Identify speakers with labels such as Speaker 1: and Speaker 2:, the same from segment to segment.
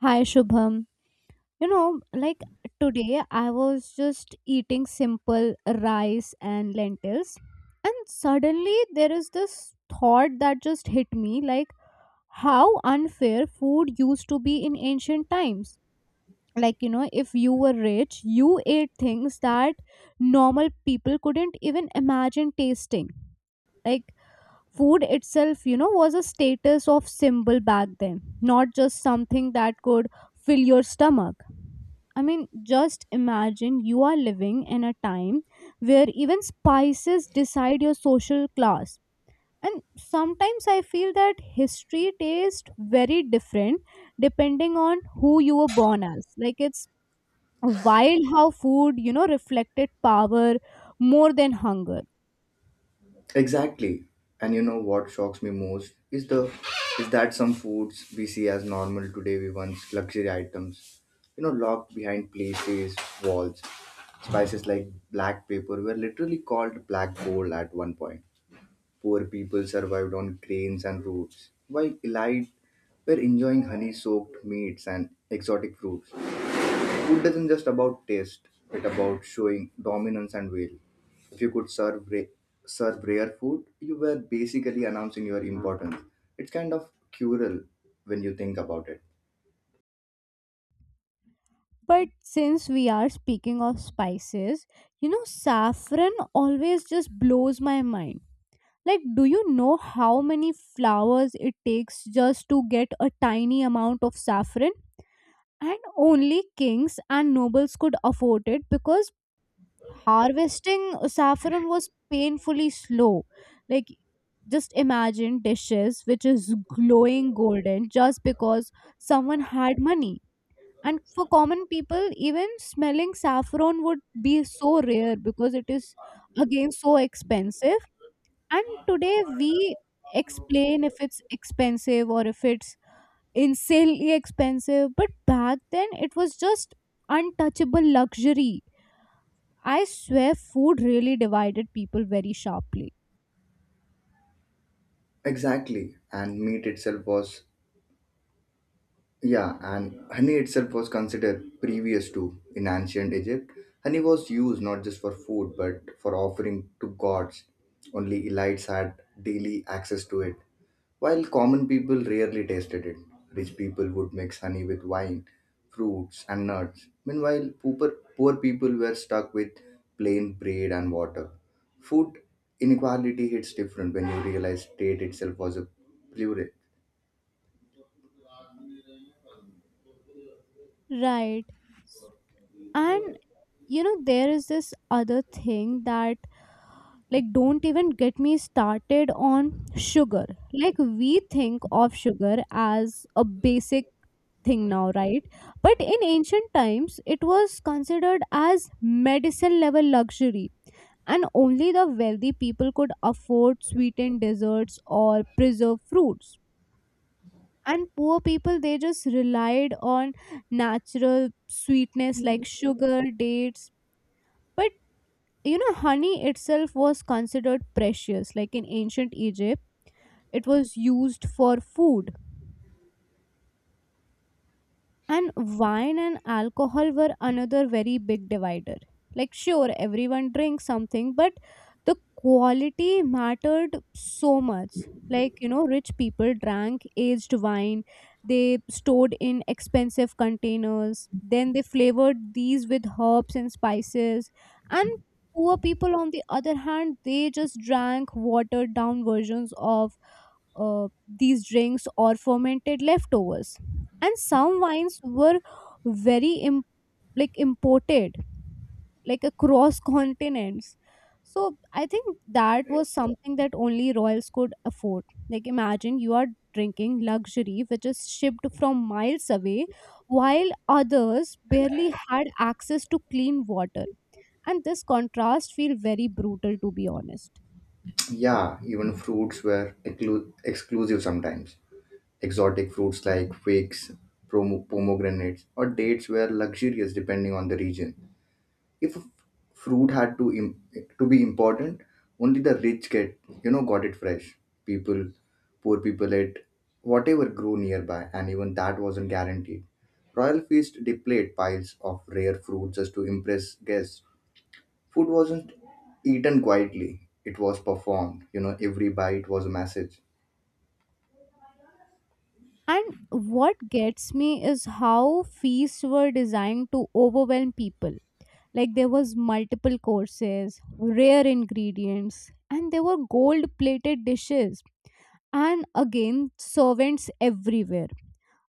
Speaker 1: Hi Shubham. You know, like Today I was just eating simple rice and lentils, and suddenly there is this thought that just hit me like how unfair food used to be in ancient times. If you were rich, you ate things that normal people couldn't even imagine tasting. Like, Food itself was a status of symbol back then, not just something that could fill your stomach. I mean, just imagine you are living in a time where even spices decide your social class. And sometimes I feel that history tastes very different depending on who you were born as. Like, it's wild how food reflected power more than hunger.
Speaker 2: Exactly. And you know what shocks me most is the is that some foods we see as normal today we once luxury items. You know, locked behind places, walls. Spices like black pepper were literally called black gold at one point. Poor people survived on grains and roots, while elite were enjoying honey soaked meats and exotic fruits. Food isn't just about taste, it's about showing dominance and will. If you could serve rare food, you were basically announcing your importance. It's kind of cruel when you think about it.
Speaker 1: But since we are speaking of spices, saffron always just blows my mind. Like, do you know how many flowers it takes just to get a tiny amount of saffron? And only kings and nobles could afford it because harvesting saffron was painfully slow. Like, just imagine dishes which is glowing golden just because someone had money. And for common people, even smelling saffron would be so rare because it is again so expensive. And today we explain if it's expensive or if it's insanely expensive, but back then it was just untouchable luxury. I swear food really divided people very sharply.
Speaker 2: Exactly, and meat itself was. Yeah, and honey itself was considered previous to in ancient Egypt. Honey was used not just for food but for offering to gods. Only elites had daily access to it, while common people rarely tasted it. Rich people would mix honey with wine, fruits, and nuts. Meanwhile, poor people were stuck with plain bread and water. Food inequality hits different when you realize state itself was a privilege.
Speaker 1: Right. And there is this other thing that, like, don't even get me started on sugar. Like, we think of sugar as a basic thing now, right? But in ancient times it was considered as medicine level luxury, and only the wealthy people could afford sweetened desserts or preserved fruits. And poor people, they just relied on natural sweetness like sugar, dates. But honey itself was considered precious, like in ancient Egypt, it was used for food. And wine and alcohol were another very big divider. Like, sure, everyone drinks something, but the quality mattered so much. Rich people drank aged wine, they stored in expensive containers, then they flavored these with herbs and spices. And poor people, on the other hand, they just drank watered down versions of uh, these drinks or fermented leftovers. And some wines were very like imported like across continents, so I think that was something that only royals could afford. Like, imagine you are drinking luxury which is shipped from miles away while others barely had access to clean water. And this contrast feel very brutal, to be honest.
Speaker 2: Yeah, even fruits were exclusive sometimes. Exotic fruits like figs, pomegranates, or dates were luxurious depending on the region. If a fruit had to to be important, only the rich get got it fresh. People, Poor people ate whatever grew nearby, and even that wasn't guaranteed. Royal feast displayed piles of rare fruit just to impress guests. Food wasn't eaten quietly, it was performed. You know, every bite was a message.
Speaker 1: And what gets me is how feasts were designed to overwhelm people. Like, there was multiple courses, rare ingredients, and there were gold plated dishes, and again servants everywhere.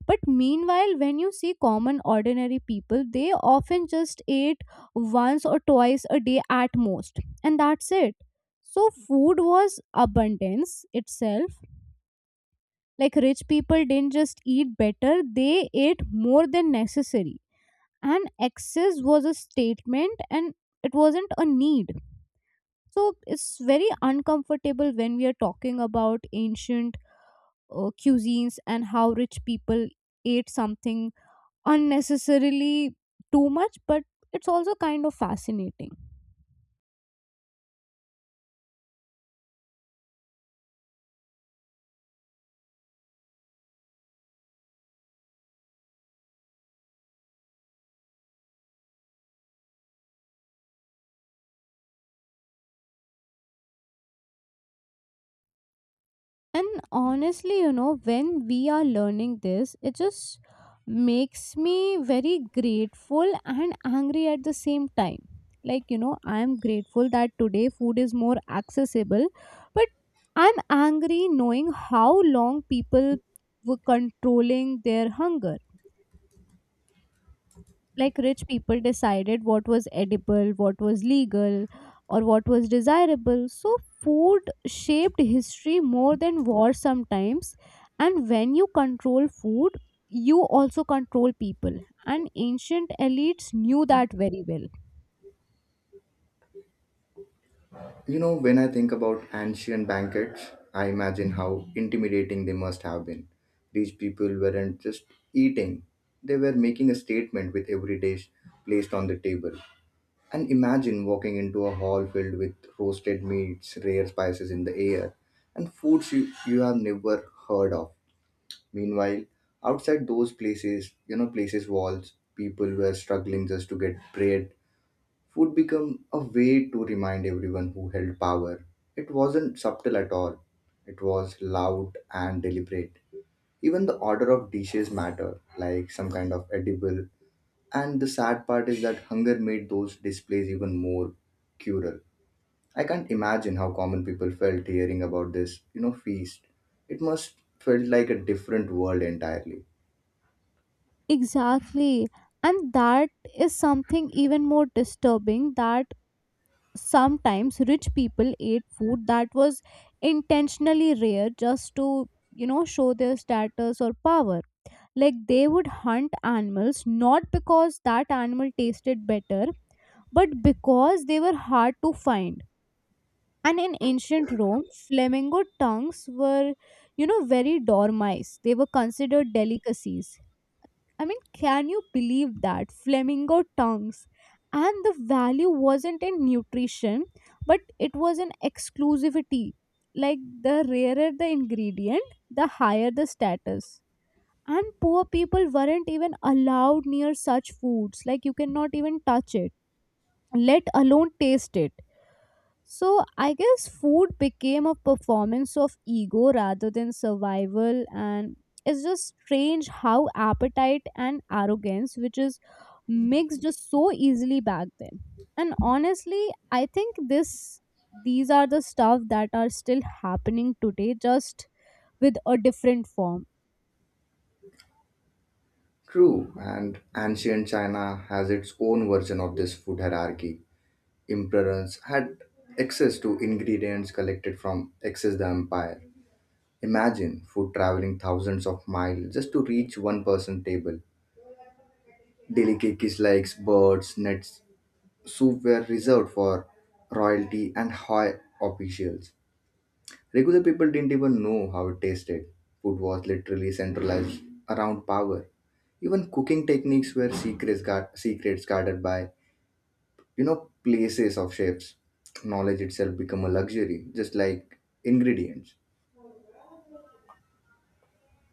Speaker 1: But meanwhile, when you see common ordinary people, they often just ate once or twice a day at most, and that's it. So food was abundance itself. Like, rich people didn't just eat better, they ate more than necessary, and excess was a statement and it wasn't a need. So it's very uncomfortable when we are talking about ancient cuisines and how rich people ate something unnecessarily too much, but it's also kind of fascinating. And honestly, when we are learning this, it just makes me very grateful and angry at the same time. I am grateful that today food is more accessible, but I'm angry knowing how long people were controlling their hunger. Like, rich people decided what was edible, what was legal, or what was desirable. So food shaped history more than war sometimes. And when you control food, you also control people. And ancient elites knew that very well.
Speaker 2: You know, when I think about ancient banquets, I imagine how intimidating they must have been. These people weren't just eating, they were making a statement with every dish placed on the table. And imagine walking into a hall filled with roasted meats, rare spices in the air, and foods you have never heard of. Meanwhile, outside those places, you know, places walls, people were struggling just to get bread. Food became a way to remind everyone who held power. It wasn't subtle at all. It was loud and deliberate. Even the order of dishes matter, like some kind of edible. And the sad part is that hunger made those displays even more cruel. I can't imagine how common people felt hearing about this, you know, feast. It must felt like a different world entirely.
Speaker 1: Exactly. And that is something even more disturbing, that sometimes rich people ate food that was intentionally rare just to, show their status or power. Like, they would hunt animals not because that animal tasted better, but because they were hard to find. And in ancient Rome, flamingo tongues were, very dormice. They were considered delicacies. I mean, can you believe that? Flamingo tongues. And the value wasn't in nutrition, but it was in exclusivity. Like, the rarer the ingredient, the higher the status. And poor people weren't even allowed near such foods. Like, you cannot even touch it, let alone taste it. So I guess food became a performance of ego rather than survival. And it's just strange how appetite and arrogance which is mixed just so easily back then. And honestly, I think this these are the stuff that are still happening today, just with a different form.
Speaker 2: True, and ancient China has its own version of this food hierarchy. Emperors had access to ingredients collected from excess the empire. Imagine food traveling thousands of miles just to reach one person table. Delicacies like birds, nuts, soup were reserved for royalty and high officials. Regular people didn't even know how it tasted. Food was literally centralized around power. Even cooking techniques were secrets, secrets guarded by, you know, places of chefs. Knowledge itself become a luxury, just like ingredients.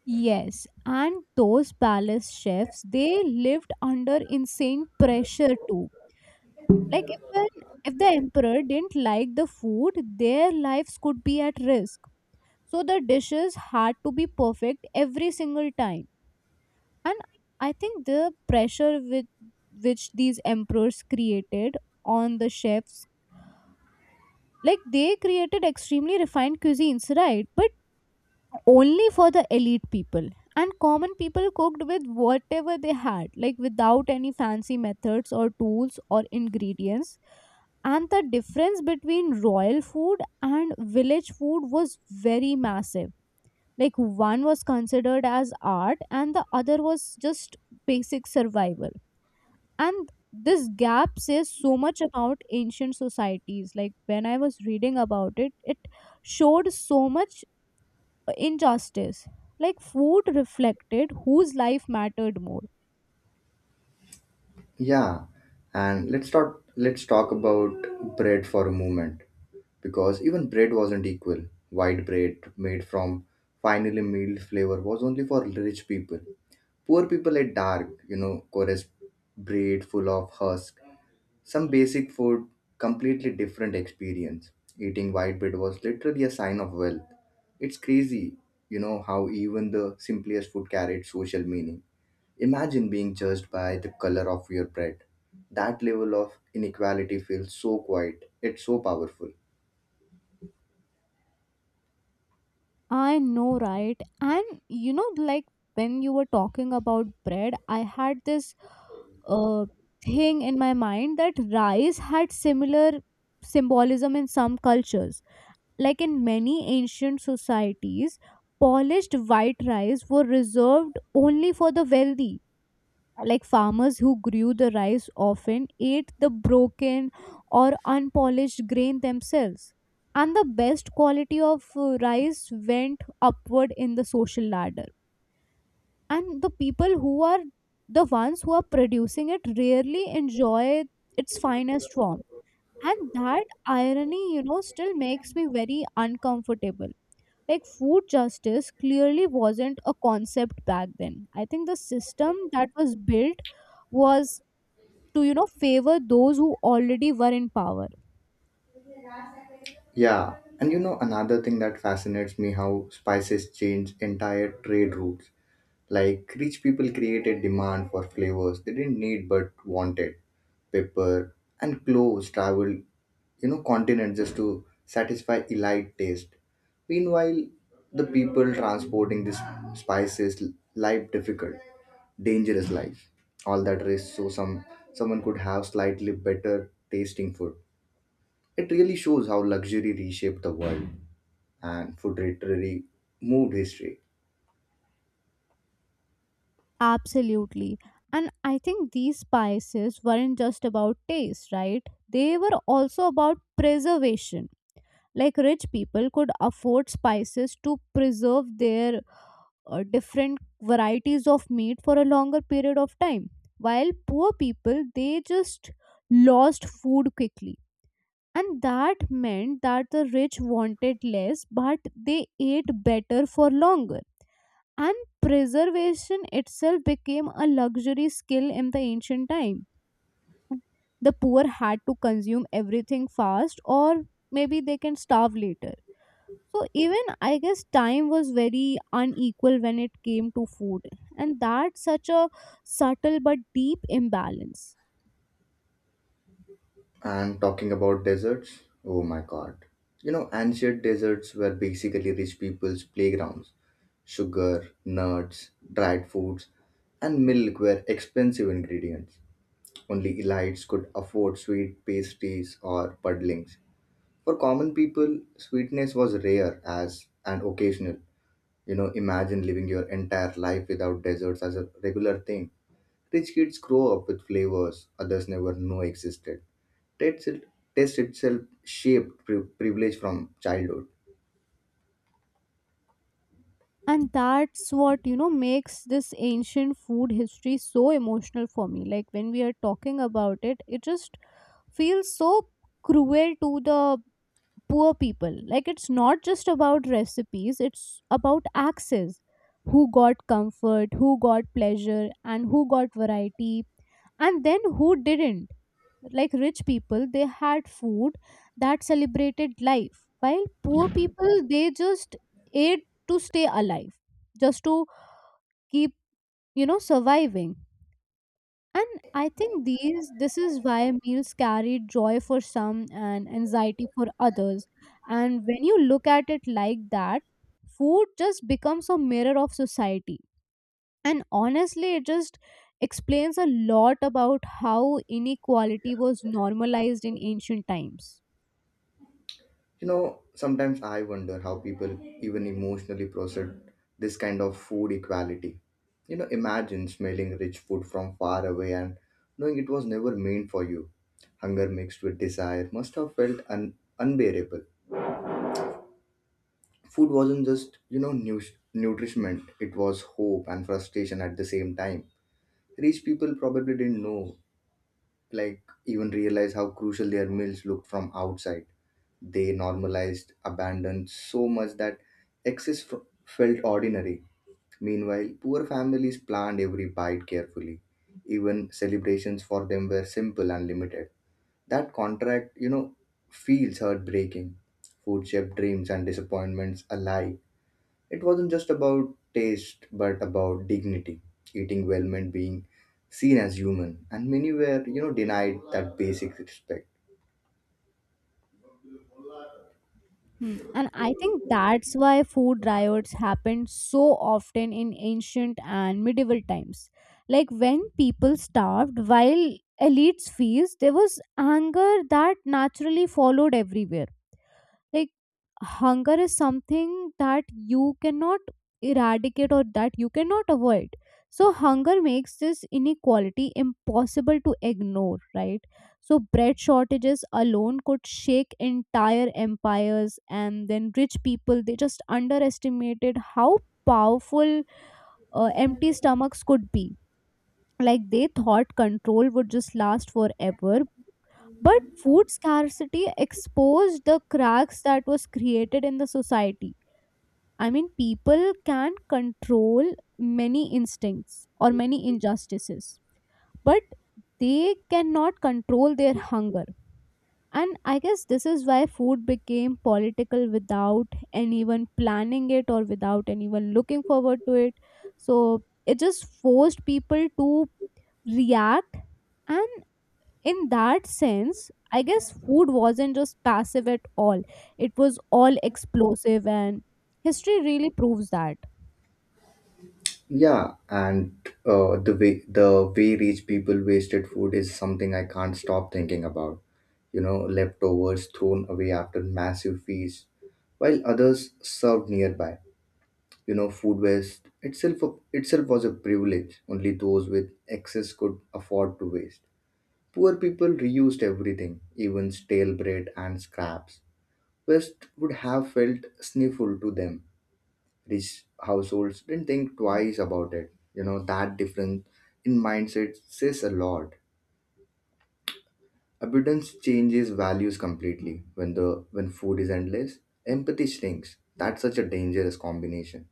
Speaker 1: Yes, and those palace chefs, they lived under insane pressure too. Like if an, if the emperor didn't like the food, their lives could be at risk. So the dishes had to be perfect every single time. And I think the pressure with which these emperors created on the chefs, like, they created extremely refined cuisines, right? But only for the elite people. And common people cooked with whatever they had, like without any fancy methods or tools or ingredients. And the difference between royal food and village food was very massive. Like, one was considered as art and the other was just basic survival. And this gap says so much about ancient societies. Like, when I was reading about it, it showed so much injustice. Like, food reflected whose life mattered more.
Speaker 2: Yeah, and Let's talk about bread for a moment, because even bread wasn't equal. White bread made from finely milled flour was only for rich people. Poor people at dark, you know, chorus bread full of husk. Some basic food, completely different experience. Eating white bread was literally a sign of wealth. It's crazy, you know, how even the simplest food carried social meaning. Imagine being judged by the color of your bread. That level of inequality feels so quiet, it's so powerful.
Speaker 1: I know, right? And you know, like when you were talking about bread, I had this uh, thing in my mind that rice had similar symbolism in some cultures. Like, in many ancient societies, polished white rice were reserved only for the wealthy. Like, farmers who grew the rice often ate the broken or unpolished grain themselves. And the best quality of rice went upward in the social ladder. And the people who are, the ones who are producing it, rarely enjoy its finest form. And that irony, still makes me very uncomfortable. Like, food justice clearly wasn't a concept back then. I think the system that was built was to, favor those who already were in power.
Speaker 2: Yeah, and you know, another thing that fascinates me how spices change entire trade routes. Like rich people created demand for flavors they didn't need but wanted. Pepper and cloves traveled, you know, continents just to satisfy elite taste. Meanwhile, the people transporting these spices life difficult, dangerous life. All that risk so someone could have slightly better tasting food. It really shows how luxury reshaped the world and food literally moved history.
Speaker 1: Absolutely. And I think these spices weren't just about taste, right? They were also about preservation. Like, rich people could afford spices to preserve their different varieties of meat for a longer period of time, while poor people, they just lost food quickly. And that meant that the rich wanted less, but they ate better for longer. And preservation itself became a luxury skill in the ancient time. The poor had to consume everything fast, or maybe they can starve later. So even I guess time was very unequal when it came to food. And that's such a subtle but deep imbalance.
Speaker 2: And talking about deserts, oh my god. You know, ancient deserts were basically rich people's playgrounds. Sugar, nuts, dried foods, and milk were expensive ingredients. Only elites could afford sweet pastries or puddlings. For common people, sweetness was rare as and occasional. You know, imagine living your entire life without desserts as a regular thing. Rich kids grow up with flavors others never know existed. Test, it- Test itself shaped privilege from childhood.
Speaker 1: And that's what makes this ancient food history so emotional for me. Like, when we are talking about it, it just feels so cruel to the poor people. Like, it's not just about recipes, it's about access. Who got comfort, who got pleasure, and who got variety, and then who didn't. Like, rich people, they had food that celebrated life, while poor people, they just ate to stay alive, just to keep, surviving. And I think these this is why meals carry joy for some and anxiety for others. And when you look at it like that, food just becomes a mirror of society. And honestly, it just explains a lot about how inequality was normalized in ancient times.
Speaker 2: You know, sometimes I wonder how people even emotionally process this kind of food equality. You know, imagine smelling rich food from far away and knowing it was never meant for you. Hunger mixed with desire must have felt unbearable. Food wasn't just, you know, nutrition, it was hope and frustration at the same time. Rich people probably didn't know like even realize how crucial their meals looked from outside. They normalized abandon so much that felt ordinary. Meanwhile, poor families planned every bite carefully. Even celebrations for them were simple and limited. That contract, you know, feels heartbreaking. Food shaped dreams and disappointments alike. It wasn't just about taste, but about dignity, eating well meant being seen as human, and many were, you know, denied that basic respect.
Speaker 1: Hmm. And I think that's why food riots happened so often in ancient and medieval times. Like, when people starved while elites feast, there was anger that naturally followed everywhere. Like, hunger is something that you cannot eradicate or that you cannot avoid. So hunger makes this inequality impossible to ignore, right? So bread shortages alone could shake entire empires. And then rich people, they just underestimated how powerful empty stomachs could be. Like, they thought control would just last forever, but food scarcity exposed the cracks that was created in the society. I mean, people can control many instincts or many injustices, but they cannot control their hunger. And I guess this is why food became political without anyone planning it or without anyone looking forward to it. So it just forced people to react. And in that sense, I guess food wasn't just passive at all. It was all explosive, and history really proves that.
Speaker 2: Yeah, and the way rich people wasted food is something I can't stop thinking about. You know, leftovers thrown away after massive feasts, while others served nearby. You know, food waste itself was a privilege. Only those with excess could afford to waste. Poor people reused everything, even stale bread and scraps. Waste would have felt sniffle to them. Rich households didn't think twice about it. You know, that difference in mindset says a lot. Abundance changes values completely. When food is endless, empathy shrinks. That's such a dangerous combination.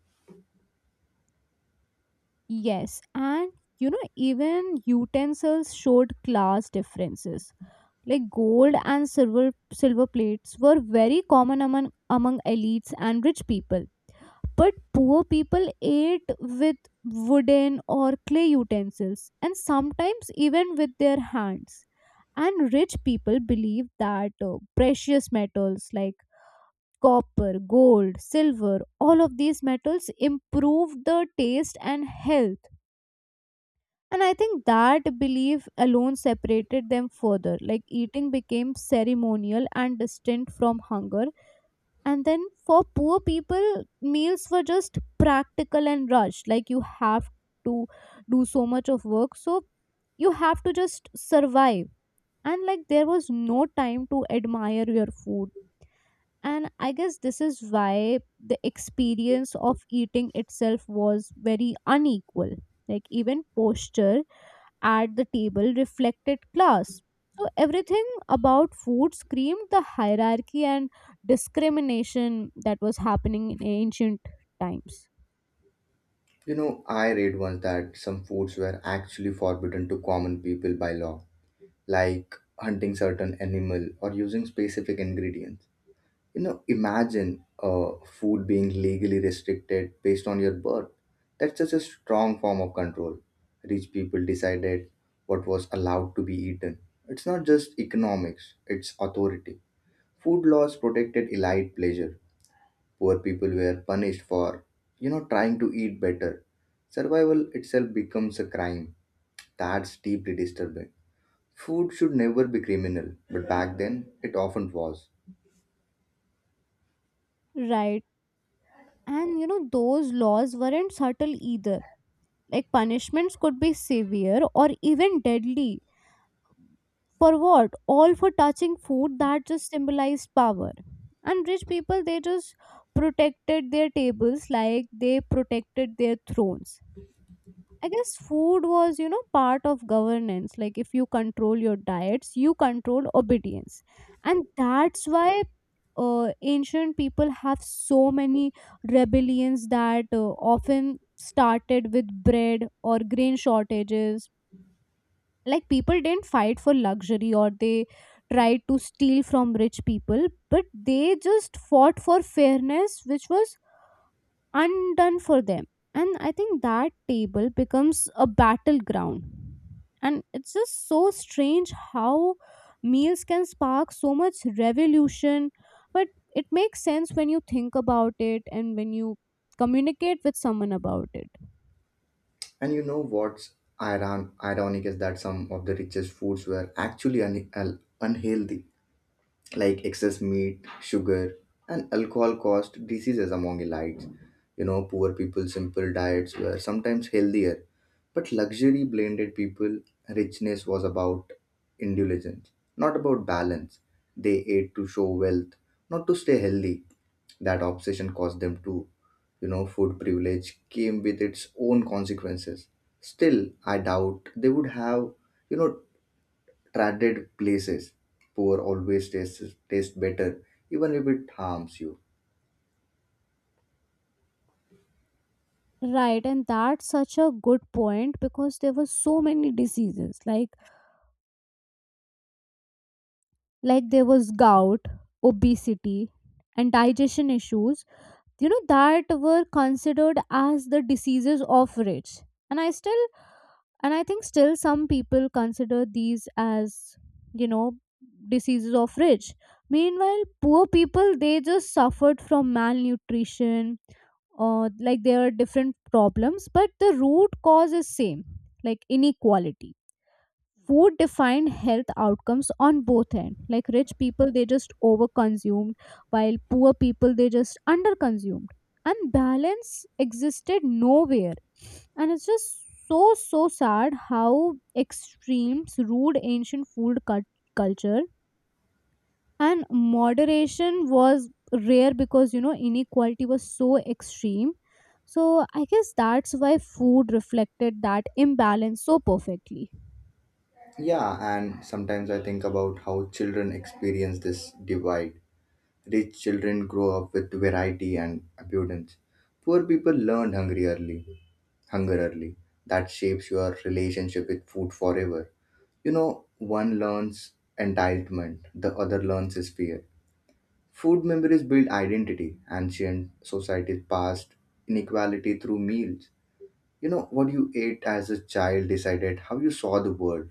Speaker 1: Yes, and you know, even utensils showed class differences, like gold and silver plates were very common among among elites and rich people, but poor people ate with wooden or clay utensils and sometimes even with their hands. And rich people believed that precious metals like copper, gold, silver, all of these metals improve the taste and health. And I think that belief alone separated them further, like eating became ceremonial and distinct from hunger. And then for poor people, meals were just practical and rushed. Like you have to do so much of work, so you have to just survive. And like there was no time to admire your food. And I guess this is why the experience of eating itself was very unequal. Like even posture at the table reflected class. So everything about food screamed the hierarchy and discrimination that was happening in ancient times.
Speaker 2: You know, I read once that some foods were actually forbidden to common people by law, like hunting certain animal or using specific ingredients. You know, imagine food being legally restricted based on your birth. That's such a strong form of control. Rich people decided what was allowed to be eaten. It's not just economics, it's authority. Food laws protected elite pleasure. Poor people were punished for, you know, trying to eat better. Survival itself becomes a crime. That's deeply disturbing. Food should never be criminal, but back then it often was.
Speaker 1: Right. And you know, those laws weren't subtle either. Like punishments could be severe or even deadly. For what? All for touching food that just symbolized power. And rich people, they just protected their tables like they protected their thrones. I guess food was, you know, part of governance. Like if you control your diets, you control obedience. And that's why ancient people have so many rebellions that often started with bread or grain shortages. Like people didn't fight for luxury or they tried to steal from rich people, but they just fought for fairness, which was undone for them. And I think that table becomes a battleground. And it's just so strange how meals can spark so much revolution, but it makes sense when you think about it and when you communicate with someone about it.
Speaker 2: And you know what's ironic is that some of the richest foods were actually unhealthy, like excess meat, sugar, and alcohol caused diseases among elites. You know, poor people simple diets were sometimes healthier, but luxury blinded people. Richness was about indulgence, not about balance. They ate to show wealth, not to stay healthy. That obsession caused them to, you know, food privilege came with its own consequences. Still, I doubt they would have, you know, traded places. Poor always taste better, even if it harms you.
Speaker 1: Right, and that's such a good point, because there were so many diseases like there was gout, obesity, and digestion issues. You know, that were considered as the diseases of rich, and I think still some people consider these as, you know, diseases of rich. Meanwhile, poor people, they just suffered from malnutrition. Like there are different problems, but the root cause is same, like inequality. Food defined health outcomes on both end. Like rich people, they just over consumed, while poor people, they just under consumed, and balance existed nowhere. And it's just so sad how extremes rude ancient food culture, and moderation was rare because, you know, inequality was so extreme. So I guess that's why food reflected that imbalance so perfectly.
Speaker 2: Yeah, and sometimes I think about how children experience this divide. Rich children grow up with variety and abundance. Poor people hunger early. That shapes your relationship with food forever. You know, one learns entitlement, the other learns his fear. Food memories build identity. Ancient societies passed inequality through meals. You know, what you ate as a child decided how you saw the world.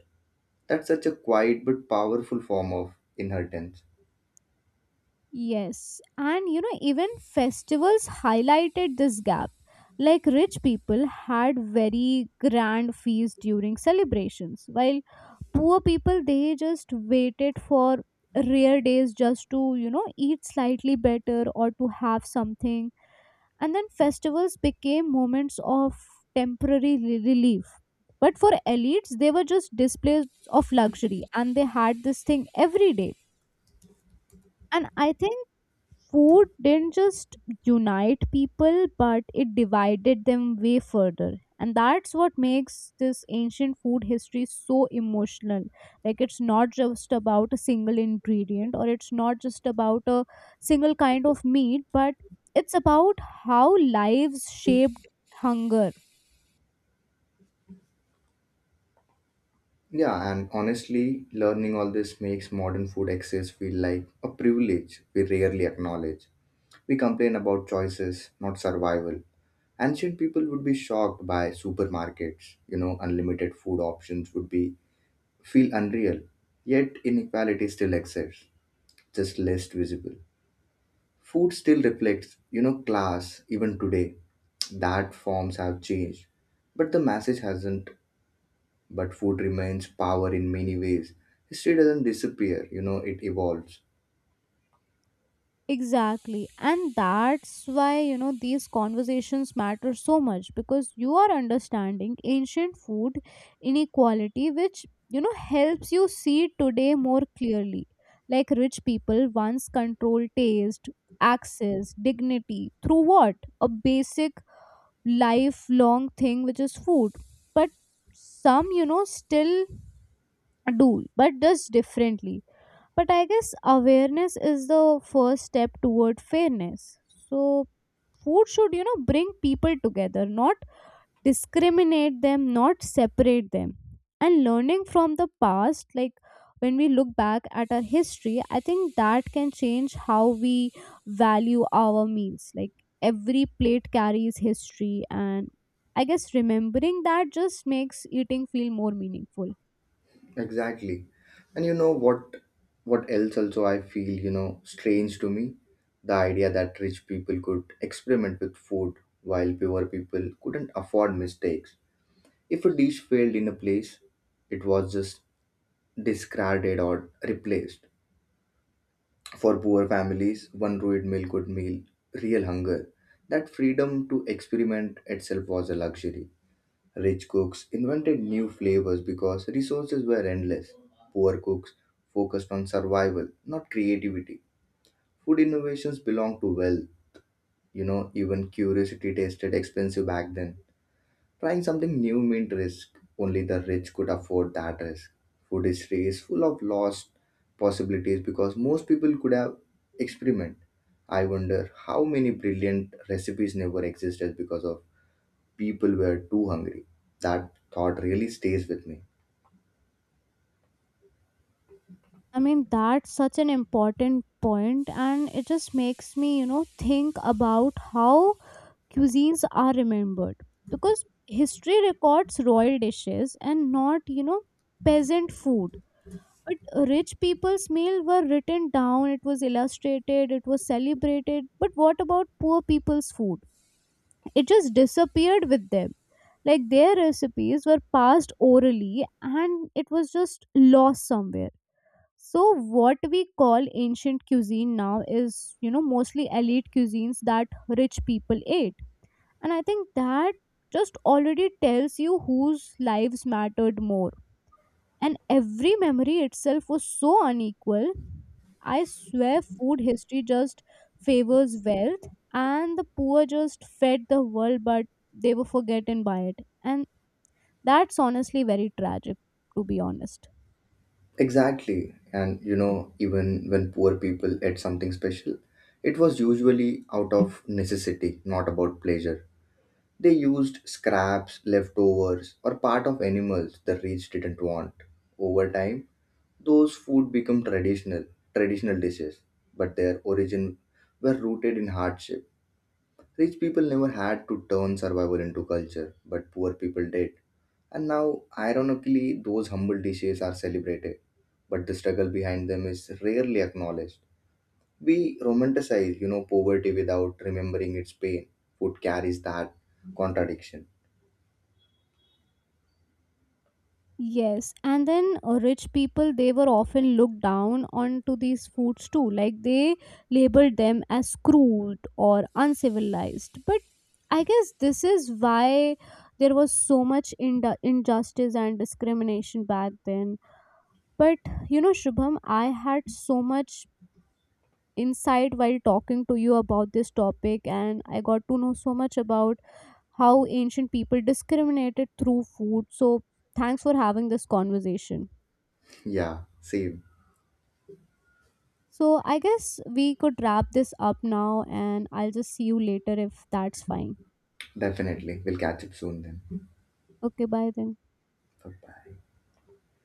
Speaker 2: That's such a quiet but powerful form of inheritance.
Speaker 1: Yes, and you know, even festivals highlighted this gap, like rich people had very grand feasts during celebrations, while poor people, they just waited for rare days just to, you know, eat slightly better or to have something. And then festivals became moments of temporary relief. But for elites, they were just displays of luxury, and they had this thing every day. And I think food didn't just unite people, but it divided them way further. And that's what makes this ancient food history so emotional, like it's not just about a single ingredient, or it's not just about a single kind of meat, but it's about how lives shaped hunger.
Speaker 2: Yeah, and honestly, learning all this makes modern food access feel like a privilege we rarely acknowledge. We complain about choices, not survival. Ancient people would be shocked by supermarkets. You know, unlimited food options would be feel unreal. Yet inequality still exists, just less visible. Food still reflects, you know, class even today. That forms have changed, but the message hasn't. But food remains power in many ways. History doesn't disappear, you know, it evolves.
Speaker 1: Exactly. And that's why, you know, these conversations matter so much, because you are understanding ancient food inequality, which, you know, helps you see today more clearly. Like rich people once controlled taste, access, dignity through what? A basic lifelong thing, which is food. But some, you know, still do, but just differently. But I guess awareness is the first step toward fairness. So food should, you know, bring people together, not discriminate them, not separate them. And learning from the past, like when we look back at our history, I think that can change how we value our meals. Like every plate carries history, and I guess remembering that just makes eating feel more meaningful.
Speaker 2: Exactly. And you know what else also I feel, you know, strange to me? The idea that rich people could experiment with food while poor people couldn't afford mistakes. If a dish failed in a place, it was just discarded or replaced. For poor families, one good meal, real hunger. That freedom to experiment itself was a luxury. Rich cooks invented new flavors because resources were endless. Poor cooks focused on survival, not creativity. Food innovations belong to wealth. You know, even curiosity tasted expensive back then. Trying something new meant risk. Only the rich could afford that risk. Food history is full of lost possibilities because most people could have experiment. I wonder how many brilliant recipes never existed because of people were too hungry. That thought really stays with me.
Speaker 1: I mean, that's such an important point, and it just makes me, you know, think about how cuisines are remembered, because history records royal dishes and not, you know, peasant food. But rich people's meal were written down, it was illustrated, it was celebrated. But what about poor people's food? It just disappeared with them. Like their recipes were passed orally, and it was just lost somewhere. So what we call ancient cuisine now is, you know, mostly elite cuisines that rich people ate. And I think that just already tells you whose lives mattered more. And every memory itself was so unequal. I swear food history just favors wealth, and the poor just fed the world, but they were forgotten by it. And that's honestly very tragic, to be honest.
Speaker 2: Exactly. And you know, even when poor people ate something special, it was usually out of necessity, not about pleasure. They used scraps, leftovers, or part of animals the rich didn't want. Over time, those food become traditional dishes, but their origin were rooted in hardship. Rich people never had to turn survival into culture, but poor people did. And now, ironically, those humble dishes are celebrated, but the struggle behind them is rarely acknowledged. We romanticize, you know, poverty without remembering its pain. Food carries that contradiction.
Speaker 1: Yes, and then rich people, they were often looked down onto these foods too, like they labeled them as crude or uncivilized. But I guess this is why there was so much injustice and discrimination back then. But you know, Shubham, I had so much insight while talking to you about this topic, and I got to know so much about how ancient people discriminated through food. So, thanks for having this conversation.
Speaker 2: Yeah, same.
Speaker 1: So, I guess we could wrap this up now, and I'll just see you later if that's fine.
Speaker 2: Definitely. We'll catch up soon then.
Speaker 1: Okay, bye then.
Speaker 2: Bye bye.